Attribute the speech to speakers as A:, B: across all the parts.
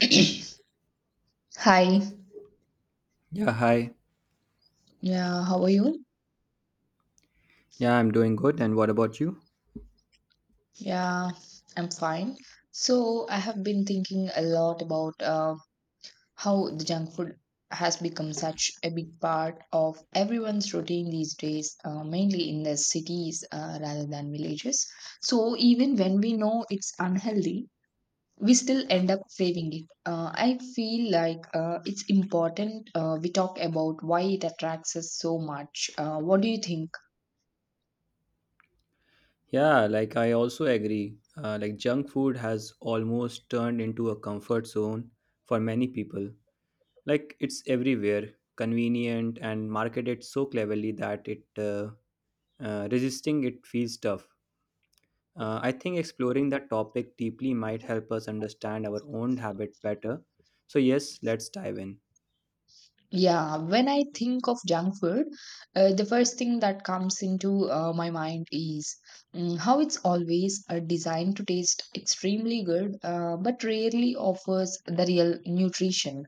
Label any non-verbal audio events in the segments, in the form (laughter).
A: (clears throat) Hi.
B: Yeah, hi.
A: Yeah, how are you?
B: Yeah, I'm doing good. And what about you?
A: Yeah, I'm fine. So, I have been thinking a lot about how the junk food has become such a big part of everyone's routine these days, mainly in the cities rather than villages. So, even when we know it's unhealthy, we still end up craving it. I feel like it's important we talk about why it attracts us so much. What do you think?
B: Yeah, like I also agree. Like junk food has almost turned into a comfort zone for many people. Like it's everywhere, convenient and marketed so cleverly that it resisting it feels tough. I think exploring that topic deeply might help us understand our own habit better. So yes, let's dive in.
A: Yeah, when I think of junk food, the first thing that comes into my mind is how it's always designed to taste extremely good, but rarely offers the real nutrition.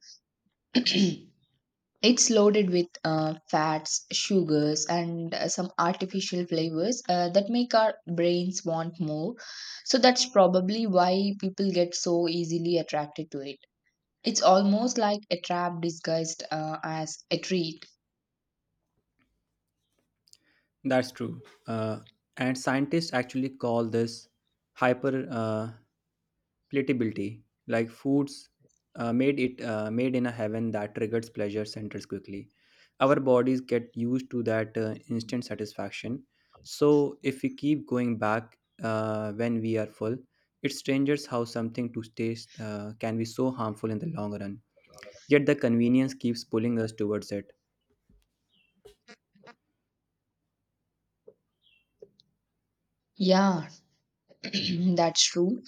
A: (clears throat) It's loaded with fats, sugars, and some artificial flavors that make our brains want more. So that's probably why people get so easily attracted to it. It's almost like a trap disguised as a treat.
B: That's true. Uh, and scientists actually call this hyper Platability, like foods, made in a heaven that triggers pleasure centers quickly. Our bodies get used to that instant satisfaction. So if we keep going back when we are full, it strangers how something to taste can be so harmful in the long run. Yet the convenience keeps pulling us towards it.
A: Yeah, (clears throat) that's true.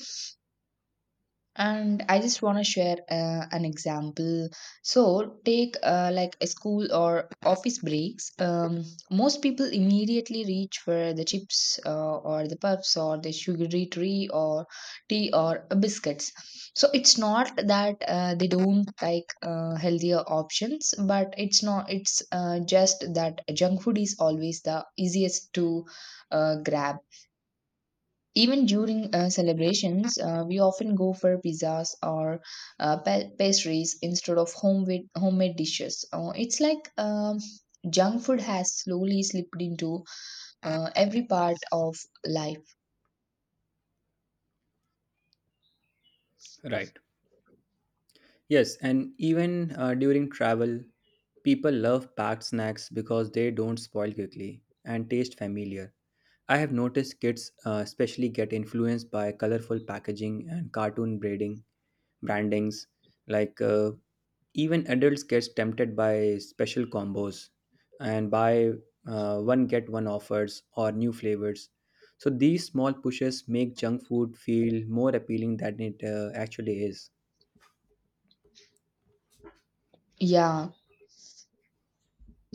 A: And I just want to share an example. So, take like a school or office breaks. Most people immediately reach for the chips or the puffs or the sugary tree or tea or biscuits. So, it's not that they don't like healthier options, but it's not, it's just that junk food is always the easiest to grab. Even during celebrations, we often go for pizzas or pastries instead of homemade dishes. It's like junk food has slowly slipped into every part of life.
B: Right. Yes, and even during travel, people love packed snacks because they don't spoil quickly and taste familiar. I have noticed kids especially get influenced by colorful packaging and cartoon braiding brandings. Like uh, Even adults gets tempted by special combos and buy one get one offers or new flavors. So these small pushes make junk food feel more appealing than it actually is.
A: Yeah.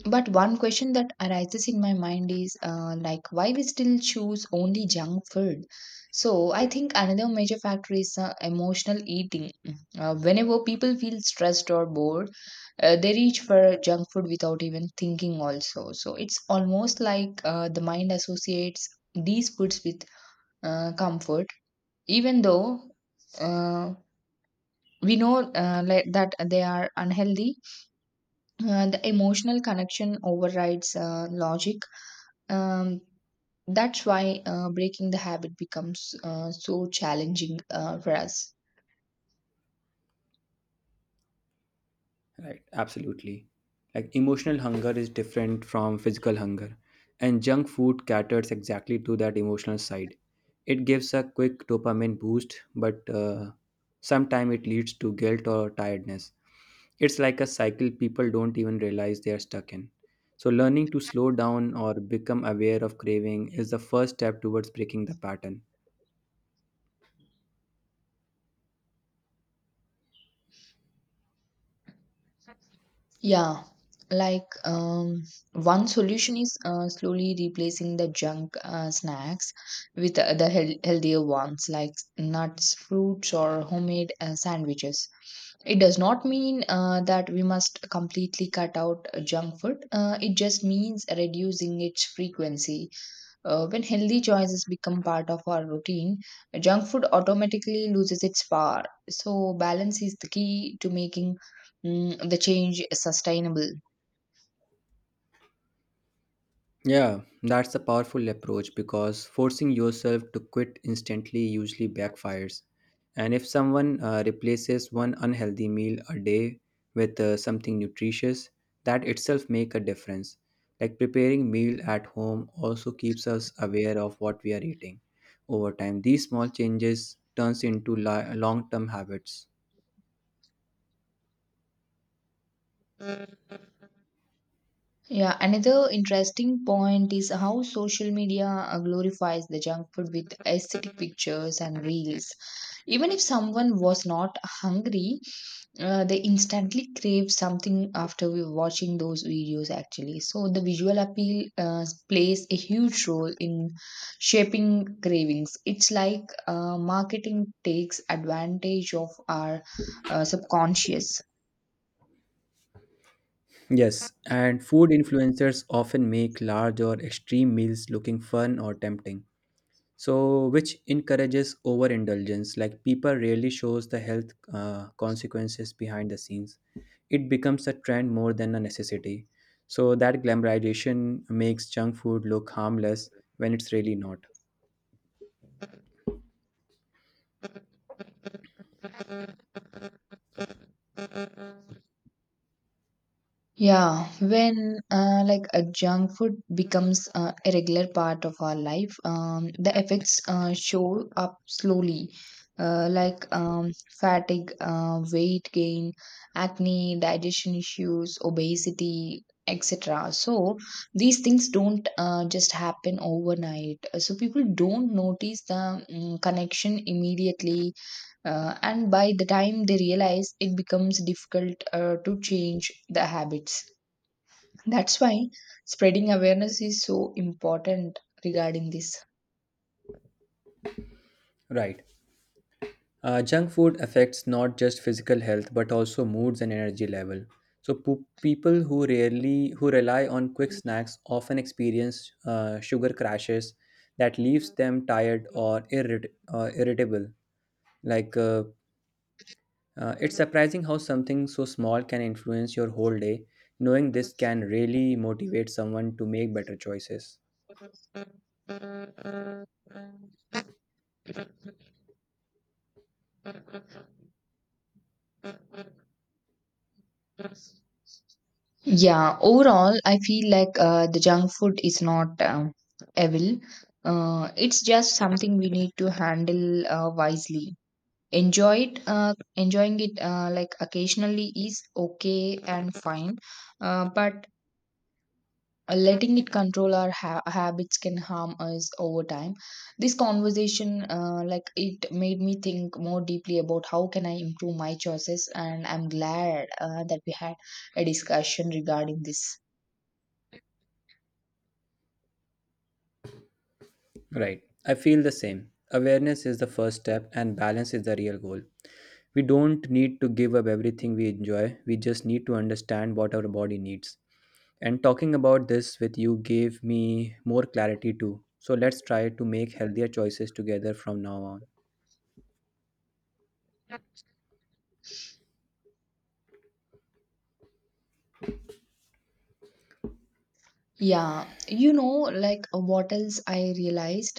A: But one question that arises in my mind is like why we still choose only junk food. So I think another major factor is emotional eating. Whenever people feel stressed or bored, they reach for junk food without even thinking also. So it's almost like the mind associates these foods with comfort, even though uh, we know like that they are unhealthy. The emotional connection overrides logic. um, that's why breaking the habit becomes so challenging for us.
B: Right, absolutely. Like emotional hunger is different from physical hunger, and junk food caters exactly to that emotional side. It gives a quick dopamine boost, but sometimes it leads to guilt or tiredness. It's like a cycle people don't even realize they are stuck in. So, learning to slow down or become aware of craving is the first step towards breaking the pattern.
A: Yeah, like um, one solution is slowly replacing the junk snacks with the healthier ones like nuts, fruits, or homemade sandwiches. It does not mean that we must completely cut out junk food, it just means reducing its frequency. When healthy choices become part of our routine, junk food automatically loses its power. So, balance is the key to making the change sustainable.
B: Yeah, that's a powerful approach because forcing yourself to quit instantly usually backfires. And if someone replaces one unhealthy meal a day with something nutritious, that itself make a difference. Like preparing meal at home also keeps us aware of what we are eating. Over time, these small changes turns into long-term habits.
A: Yeah, another interesting point is how social media glorifies the junk food with aesthetic pictures and reels. Even if someone was not hungry, they instantly crave something after we watching those videos actually. So the visual appeal plays a huge role in shaping cravings. It's like marketing takes advantage of our subconscious.
B: Yes, and food influencers often make large or extreme meals looking fun or tempting, so which encourages overindulgence, like people rarely shows the health consequences behind the scenes. It becomes a trend more than a necessity, so that glamorization makes junk food look harmless when it's really not.
A: Yeah, when like a junk food becomes a regular part of our life, the effects show up slowly, uh, like um, fatigue, weight gain, acne, digestion issues, obesity, etc. So these things don't just happen overnight. So people don't notice the connection immediately, and by the time they realize, it becomes difficult to change the habits. That's why spreading awareness is so important regarding this.
B: Right. Junk food affects not just physical health but also moods and energy level. So people who rarely who rely on quick snacks often experience sugar crashes that leaves them tired or irritable. Like, uh, it's surprising how something so small can influence your whole day. Knowing this can really motivate someone to make better choices.
A: Yeah, overall, I feel like the junk food is not evil. It's just something we need to handle wisely. Enjoying it like occasionally is okay and fine, but letting it control our habits can harm us over time. This conversation, like it made me think more deeply about how can I improve my choices, and I'm glad that we had a discussion regarding this.
B: Right. I feel the same. Awareness is the first step, and balance is the real goal. We don't need to give up everything we enjoy, we just need to understand what our body needs. And talking about this with you gave me more clarity too. So let's try to make healthier choices together from now on.
A: Yeah, you know, what else I realized.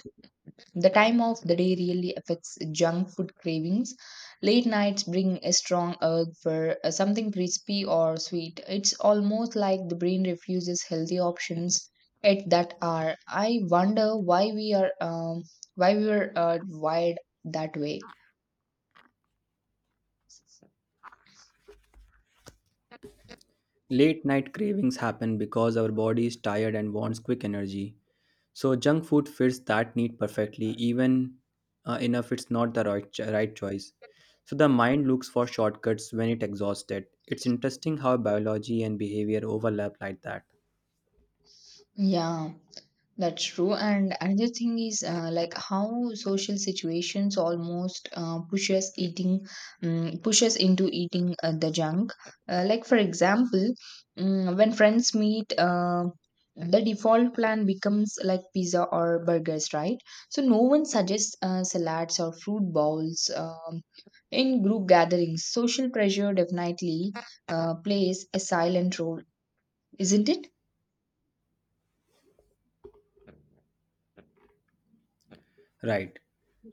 A: The time of the day really affects junk food cravings. Late nights bring a strong urge for something crispy or sweet. It's almost like the brain refuses healthy options at that hour. I wonder why we are wired that way.
B: Late night cravings happen because our body is tired and wants quick energy. So junk food fits that need perfectly, even enough it's not the right choice. So the mind looks for shortcuts when it exhausted. It's interesting how biology and behavior overlap like that.
A: Yeah. That's true. And another thing is like how social situations almost eating, push into eating the junk. Like for example, when friends meet, the default plan becomes like pizza or burgers, right? So no one suggests salads or fruit bowls. In group gatherings, social pressure definitely plays a silent role, isn't it?
B: Right.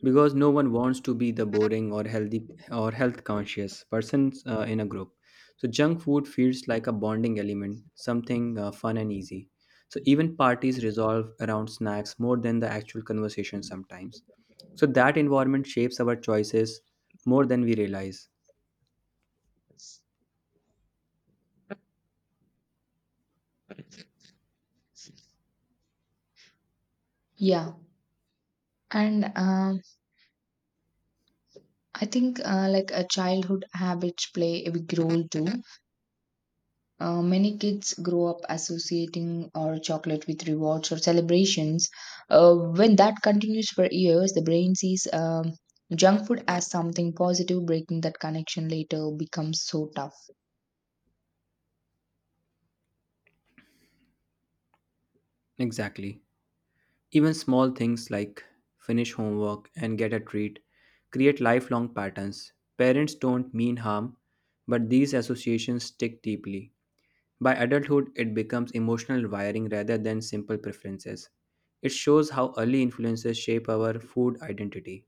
B: Because no one wants to be the boring or healthy or health conscious person in a group. So junk food feels like a bonding element, something fun and easy. So even parties resolve around snacks more than the actual conversation sometimes. So that environment shapes our choices more than we realize.
A: Yeah. And I think like a childhood habits play a big role too. Many kids grow up associating or chocolate with rewards or celebrations. When that continues for years, the brain sees junk food as something positive. Breaking that connection later becomes so tough.
B: Exactly. Even small things like finish homework and get a treat create lifelong patterns. Parents don't mean harm, but these associations stick deeply. By adulthood, it becomes emotional wiring rather than simple preferences. It shows how early influences shape our food identity.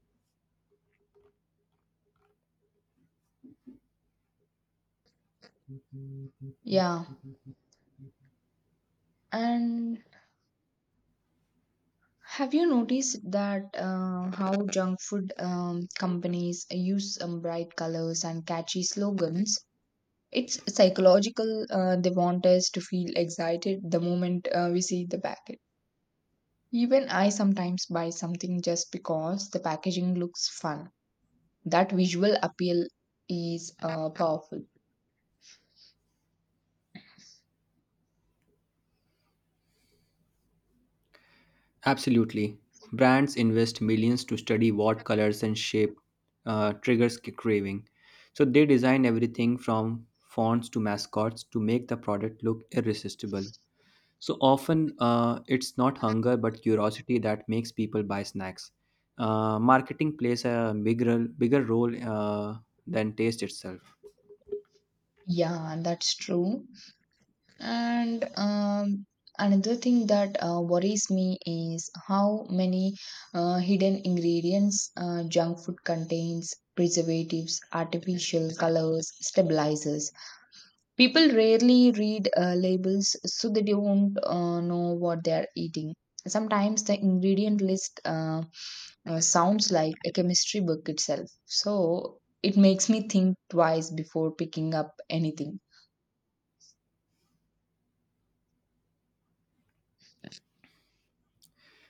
A: Yeah, and have you noticed that how junk food companies use bright colors and catchy slogans? It's psychological. They want us to feel excited the moment we see the packet. Even I sometimes buy something just because the packaging looks fun. That visual appeal is powerful.
B: Absolutely. Brands invest millions to study what colors and shape triggers craving. So they design everything from fonts to mascots to make the product look irresistible. So often it's not hunger but curiosity that makes people buy snacks. Marketing plays a bigger role than taste itself.
A: Yeah, that's true. And Another thing that worries me is how many hidden ingredients junk food contains: preservatives, artificial colors, stabilizers. People rarely read labels, so they don't know what they are eating. Sometimes the ingredient list sounds like a chemistry book itself. So it makes me think twice before picking up anything.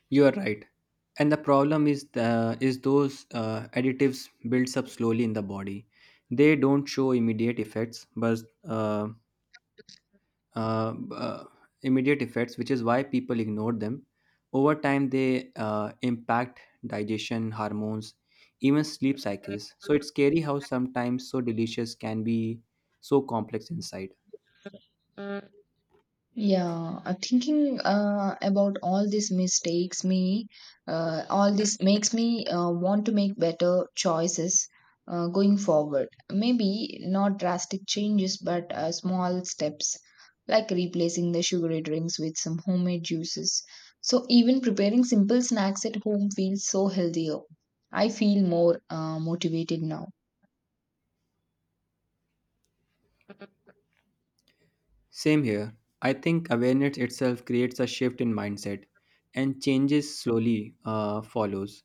B: You are right. And the problem is the is those additives builds up slowly in the body. They don't show immediate effects, but uh, uh, uh, immediate effects, which is why people ignore them. Over time, they impact digestion, hormones, even sleep cycles. So it's scary how sometimes so delicious can be so complex inside.
A: Yeah, thinking about all this makes me want to make better choices going forward. Maybe not drastic changes, but small steps like replacing the sugary drinks with some homemade juices. So even preparing simple snacks at home feels so healthier. I feel more motivated now.
B: Same here. I think awareness itself creates a shift in mindset, and changes slowly follows.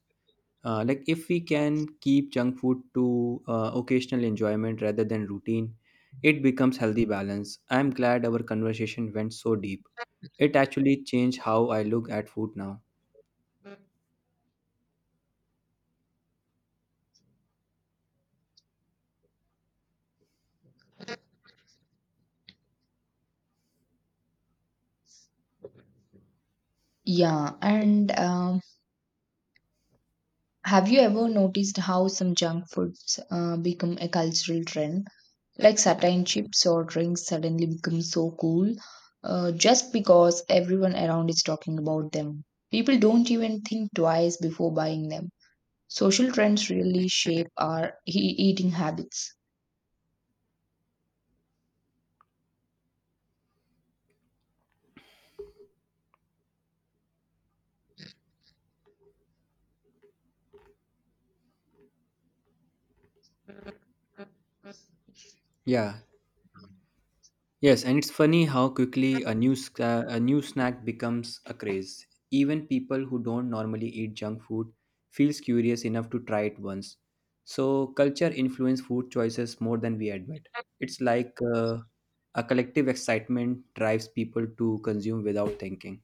B: Like if we can keep junk food to occasional enjoyment rather than routine, it becomes healthy balance. I'm glad our conversation went so deep. It actually changed how I look at food now.
A: Yeah, and have you ever noticed how some junk foods become a cultural trend? Like certain chips or drinks suddenly become so cool, just because everyone around is talking about them. People don't even think twice before buying them. Social trends really shape our eating habits.
B: Yeah, Yes, and it's funny how quickly a new snack becomes a craze. Even people who don't normally eat junk food feels curious enough to try it once. So culture influence food choices more than we admit. It's like a collective excitement drives people to consume without thinking.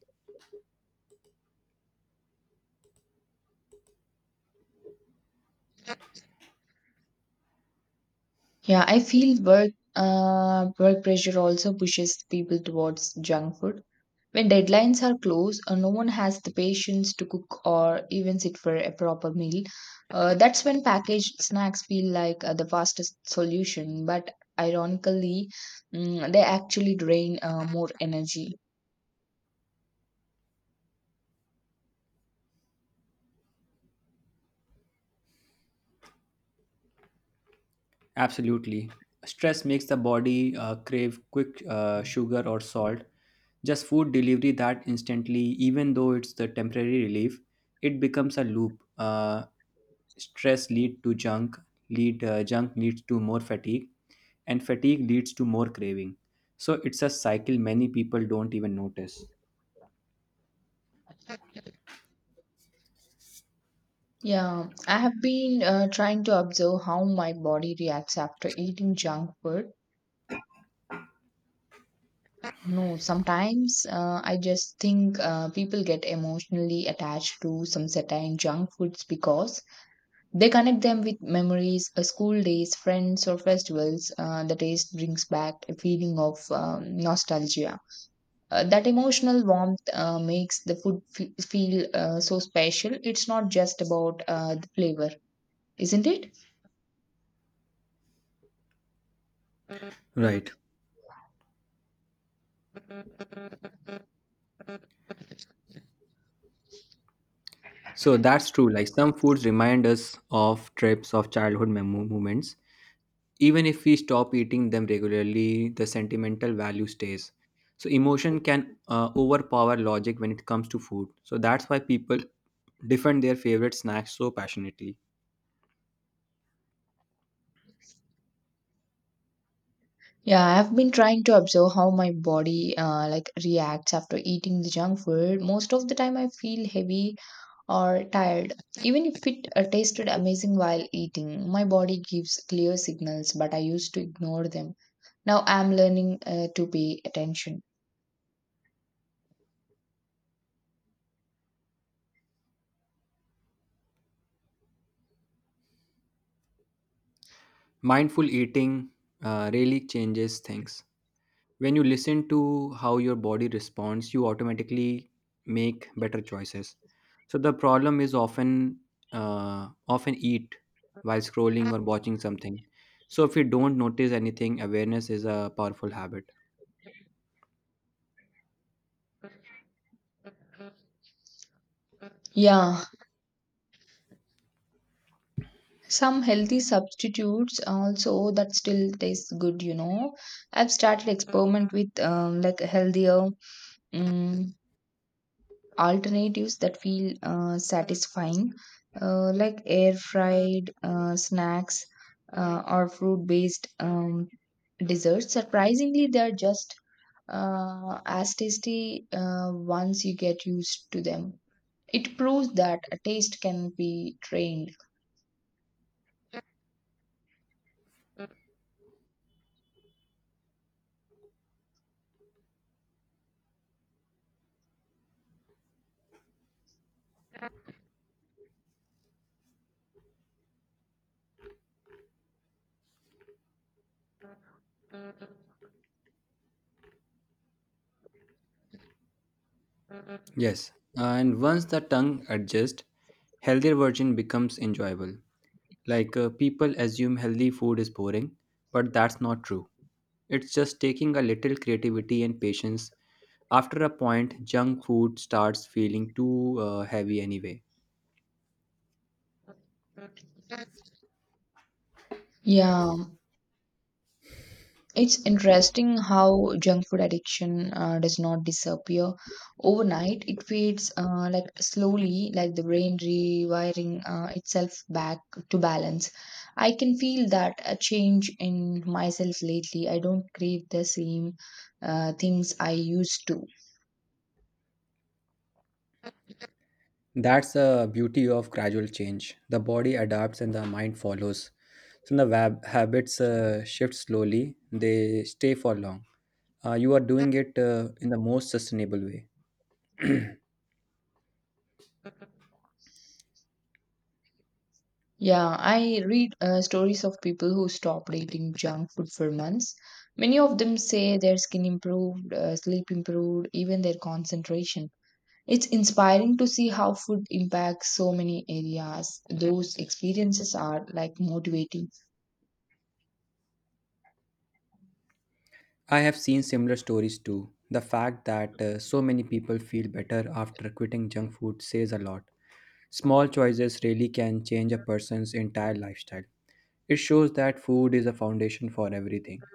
A: Yeah, I feel work pressure also pushes people towards junk food. When deadlines are close, no one has the patience to cook or even sit for a proper meal. That's when packaged snacks feel like the fastest solution, but ironically, they actually drain more energy.
B: Absolutely. Stress makes the body crave quick sugar or salt. Just food delivery that instantly, even though it's the temporary relief, it becomes a loop. Stress lead to junk, lead junk leads to more fatigue, and fatigue leads to more craving. So it's a cycle many people don't even notice.
A: Yeah, I have been trying to observe how my body reacts after eating junk food. No, sometimes I just think people get emotionally attached to some certain junk foods because they connect them with memories, school days, friends, or festivals. The taste brings back a feeling of nostalgia. That emotional warmth makes the food feel so special. It's not just about the flavor, isn't it?
B: Right. So that's true. Like some foods remind us of trips, of childhood moments. Even if we stop eating them regularly, the sentimental value stays. So, emotion can overpower logic when it comes to food. So, that's why people defend their favorite snacks so passionately.
A: Yeah, I've been trying to observe how my body like reacts after eating the junk food. Most of the time, I feel heavy or tired. Even if it tasted amazing while eating, my body gives clear signals, but I used to ignore them. Now I'm learning to pay attention.
B: Mindful eating really changes things. When you listen to how your body responds, you automatically make better choices. So, the problem is often eat while scrolling or watching something. So if you don't notice anything, awareness is a powerful habit.
A: Yeah, some healthy substitutes also that still taste good, you know. I've started experiment with like healthier um, alternatives that feel satisfying, like air fried snacks or fruit based desserts. Surprisingly, they're just as tasty once you get used to them. It proves that a taste can be trained.
B: Yes, and once the tongue adjusts, healthier version becomes enjoyable. People assume healthy food is boring, but that's not true. It's just taking a little creativity and patience. After a point, junk food starts feeling too heavy anyway.
A: Yeah, it's interesting how junk food addiction does not disappear overnight. It fades like slowly, like the brain rewiring itself back to balance. I can feel that a change in myself lately. I don't crave the same things I used to.
B: That's the beauty of gradual change. The body adapts and the mind follows. So the habits shift slowly, they stay for long. You are doing it in the most sustainable way.
A: Yeah, I read stories of people who stopped eating junk food for months. Many of them say their skin improved, sleep improved, even their concentration. It's inspiring to see how food impacts so many areas. Those experiences are like motivating.
B: I have seen similar stories too. The fact that so many people feel better after quitting junk food says a lot. Small choices really can change a person's entire lifestyle. It shows that food is a foundation for everything.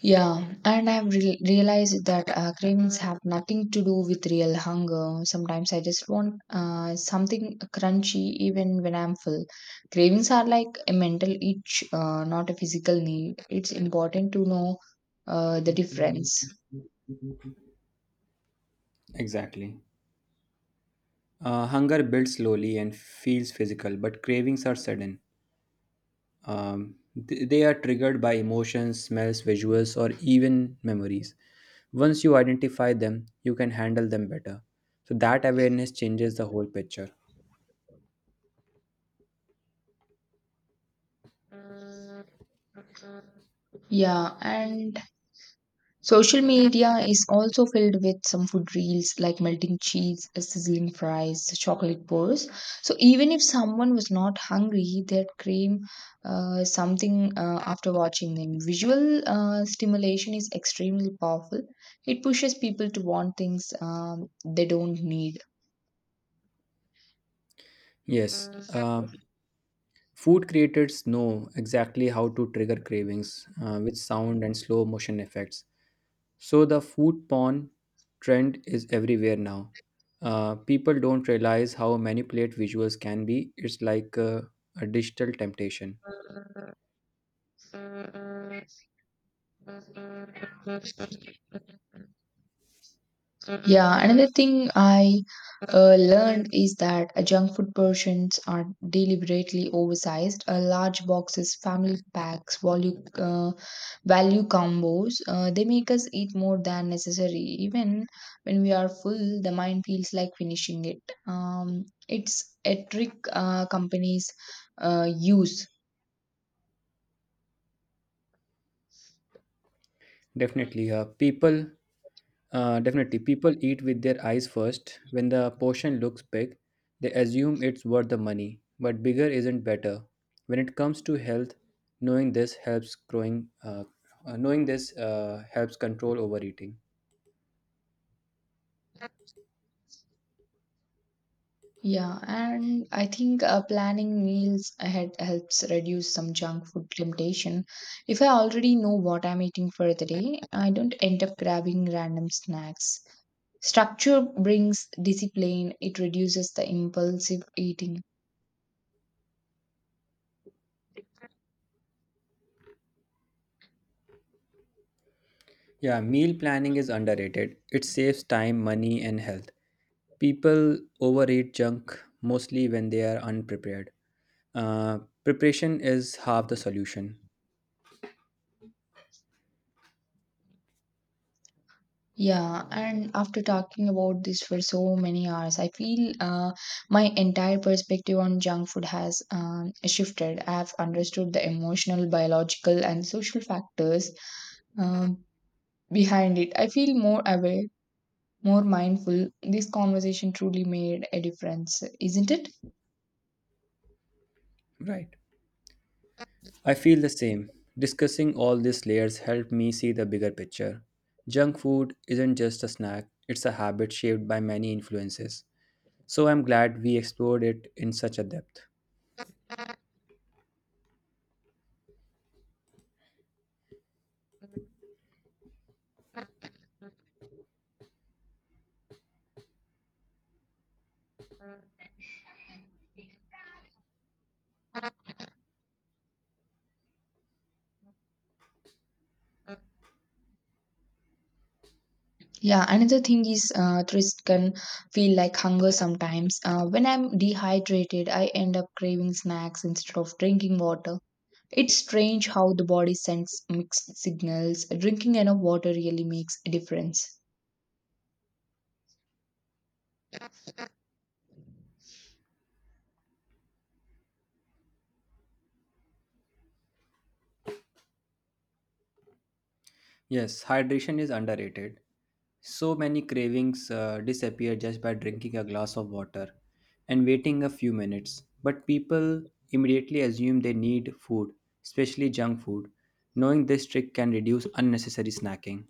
A: Yeah, and I've realized that cravings have nothing to do with real hunger. Sometimes I just want something crunchy even when I'm full. Cravings are like a mental itch, not a physical need. It's important to know the difference.
B: Exactly. Hunger builds slowly and feels physical, but cravings are sudden. Um, they are triggered by emotions, smells, visuals, or even memories. Once you identify them, you can handle them better. So, that awareness changes the whole picture.
A: Yeah, and social media is also filled with some food reels like melting cheese, sizzling fries, chocolate bars. So even if someone was not hungry, they'd crave something after watching them. Visual stimulation is extremely powerful. It pushes people to want things they don't need.
B: Yes, food creators know exactly how to trigger cravings with sound and slow motion effects. So the food porn trend is everywhere now. People don't realize how manipulate visuals can be. It's like a digital temptation.
A: Yeah, another thing I learned is that junk food portions are deliberately oversized. Large boxes, family packs, value combos, they make us eat more than necessary. Even when we are full, the mind feels like finishing it. It's a trick companies use.
B: Definitely, uh, people Definitely, people eat with their eyes first. When the portion looks big, they assume it's worth the money. But bigger isn't better. When it comes to health, knowing this helps growing. Knowing this helps control overeating.
A: Yeah, and I think planning meals ahead helps reduce some junk food temptation. If I already know what I'm eating for the day, I don't end up grabbing random snacks. Structure brings discipline, it reduces the impulsive eating.
B: Yeah, meal planning is underrated. It saves time, money, and health. People overeat junk mostly when they are unprepared. Preparation is half the solution.
A: Yeah, and after talking about this for so many hours, I feel my entire perspective on junk food has shifted. I have understood the emotional, biological, and social factors Um, behind it. I feel more aware, more mindful. This conversation truly made a difference, isn't it?
B: Right. I feel the same. Discussing all these layers helped me see the bigger picture. Junk food isn't just a snack, it's a habit shaped by many influences. So I'm glad we explored it in such a depth.
A: Yeah, another thing is thirst can feel like hunger sometimes. When I'm dehydrated, I end up craving snacks instead of drinking water. It's strange how the body sends mixed signals. Drinking enough water really makes a difference.
B: Yes, hydration is underrated. So many cravings disappear just by drinking a glass of water and waiting a few minutes. But people immediately assume they need food, especially junk food. Knowing this trick can reduce unnecessary snacking.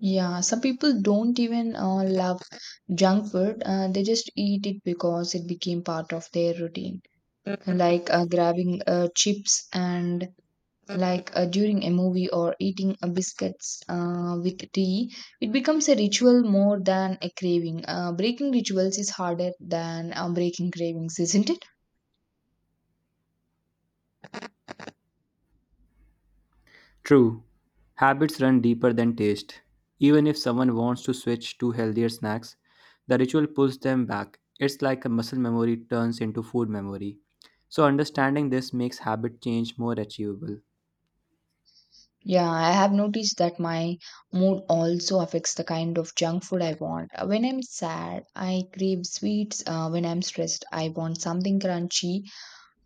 A: Yeah, some people don't even love junk food. They just eat it because it became part of their routine. Like grabbing chips and like during a movie or eating biscuits with tea, it becomes a ritual more than a craving. Breaking rituals is harder than breaking cravings, isn't it?
B: True, habits run deeper than taste. Even if someone wants to switch to healthier snacks, the ritual pulls them back. It's like a muscle memory turns into food memory. So, understanding this makes habit change more achievable.
A: Yeah, I have noticed that my mood also affects the kind of junk food I want. When I'm sad I crave sweets, when I'm stressed I want something crunchy.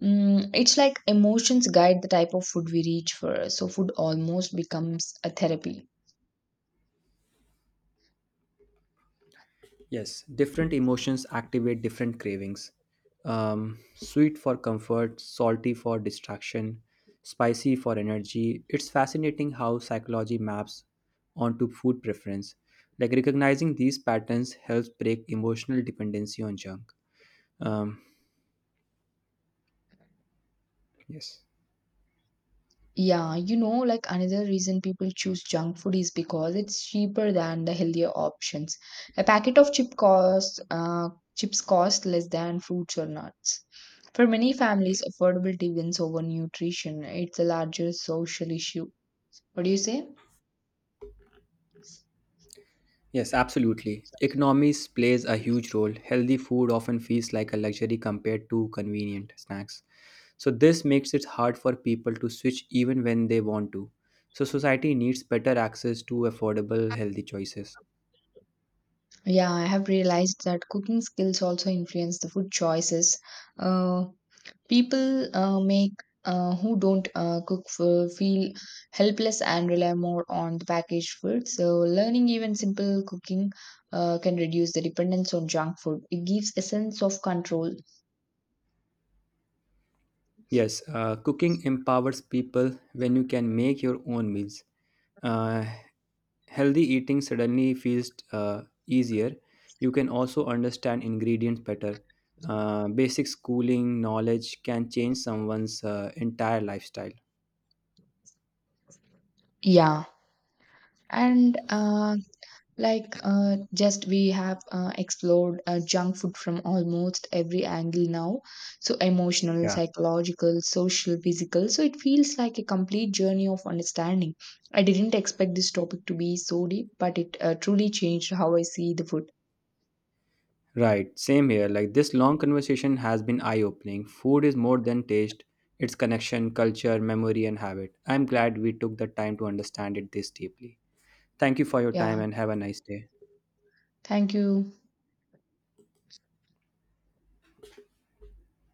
A: It's like emotions guide the type of food we reach for. So food almost becomes a therapy.
B: Yes, different emotions activate different cravings. Sweet for comfort, salty for distraction, spicy for energy. It's fascinating how psychology maps onto food preference. Like recognizing these patterns helps break emotional dependency on junk. Um, yes.
A: Yeah, you know, like another reason people choose junk food is because it's cheaper than the healthier options. A packet of chip costs, Chips cost less than fruits or nuts. For many families, affordability wins over nutrition. It's a larger social issue. What do you say?
B: Yes, absolutely. Economies plays a huge role. Healthy food often feels like a luxury compared to convenient snacks. So this makes it hard for people to switch even when they want to. So society needs better access to affordable healthy choices.
A: Yeah, I have realized that cooking skills also influence the food choices. Uh, People make who don't cook for feel helpless and rely more on the packaged food. So, learning even simple cooking can reduce the dependence on junk food. It gives a sense of control.
B: Yes, cooking empowers people when you can make your own meals. Uh, Healthy eating suddenly feels easier. You can also understand ingredients better. Basic schooling knowledge can change someone's entire lifestyle.
A: Yeah. And Like, just we have explored junk food from almost every angle now. So, emotional,
B: Yeah,
A: psychological, social, physical. So, it feels like a complete journey of understanding. I didn't expect this topic to be so deep, but it truly changed how I see the food.
B: right. Same here. Like this long conversation has been eye opening. Food is more than taste, it's connection, culture, memory, and habit. I'm glad we took the time to understand it this deeply. Thank you for your
A: Yeah.
B: time and have a nice day.
A: Thank you.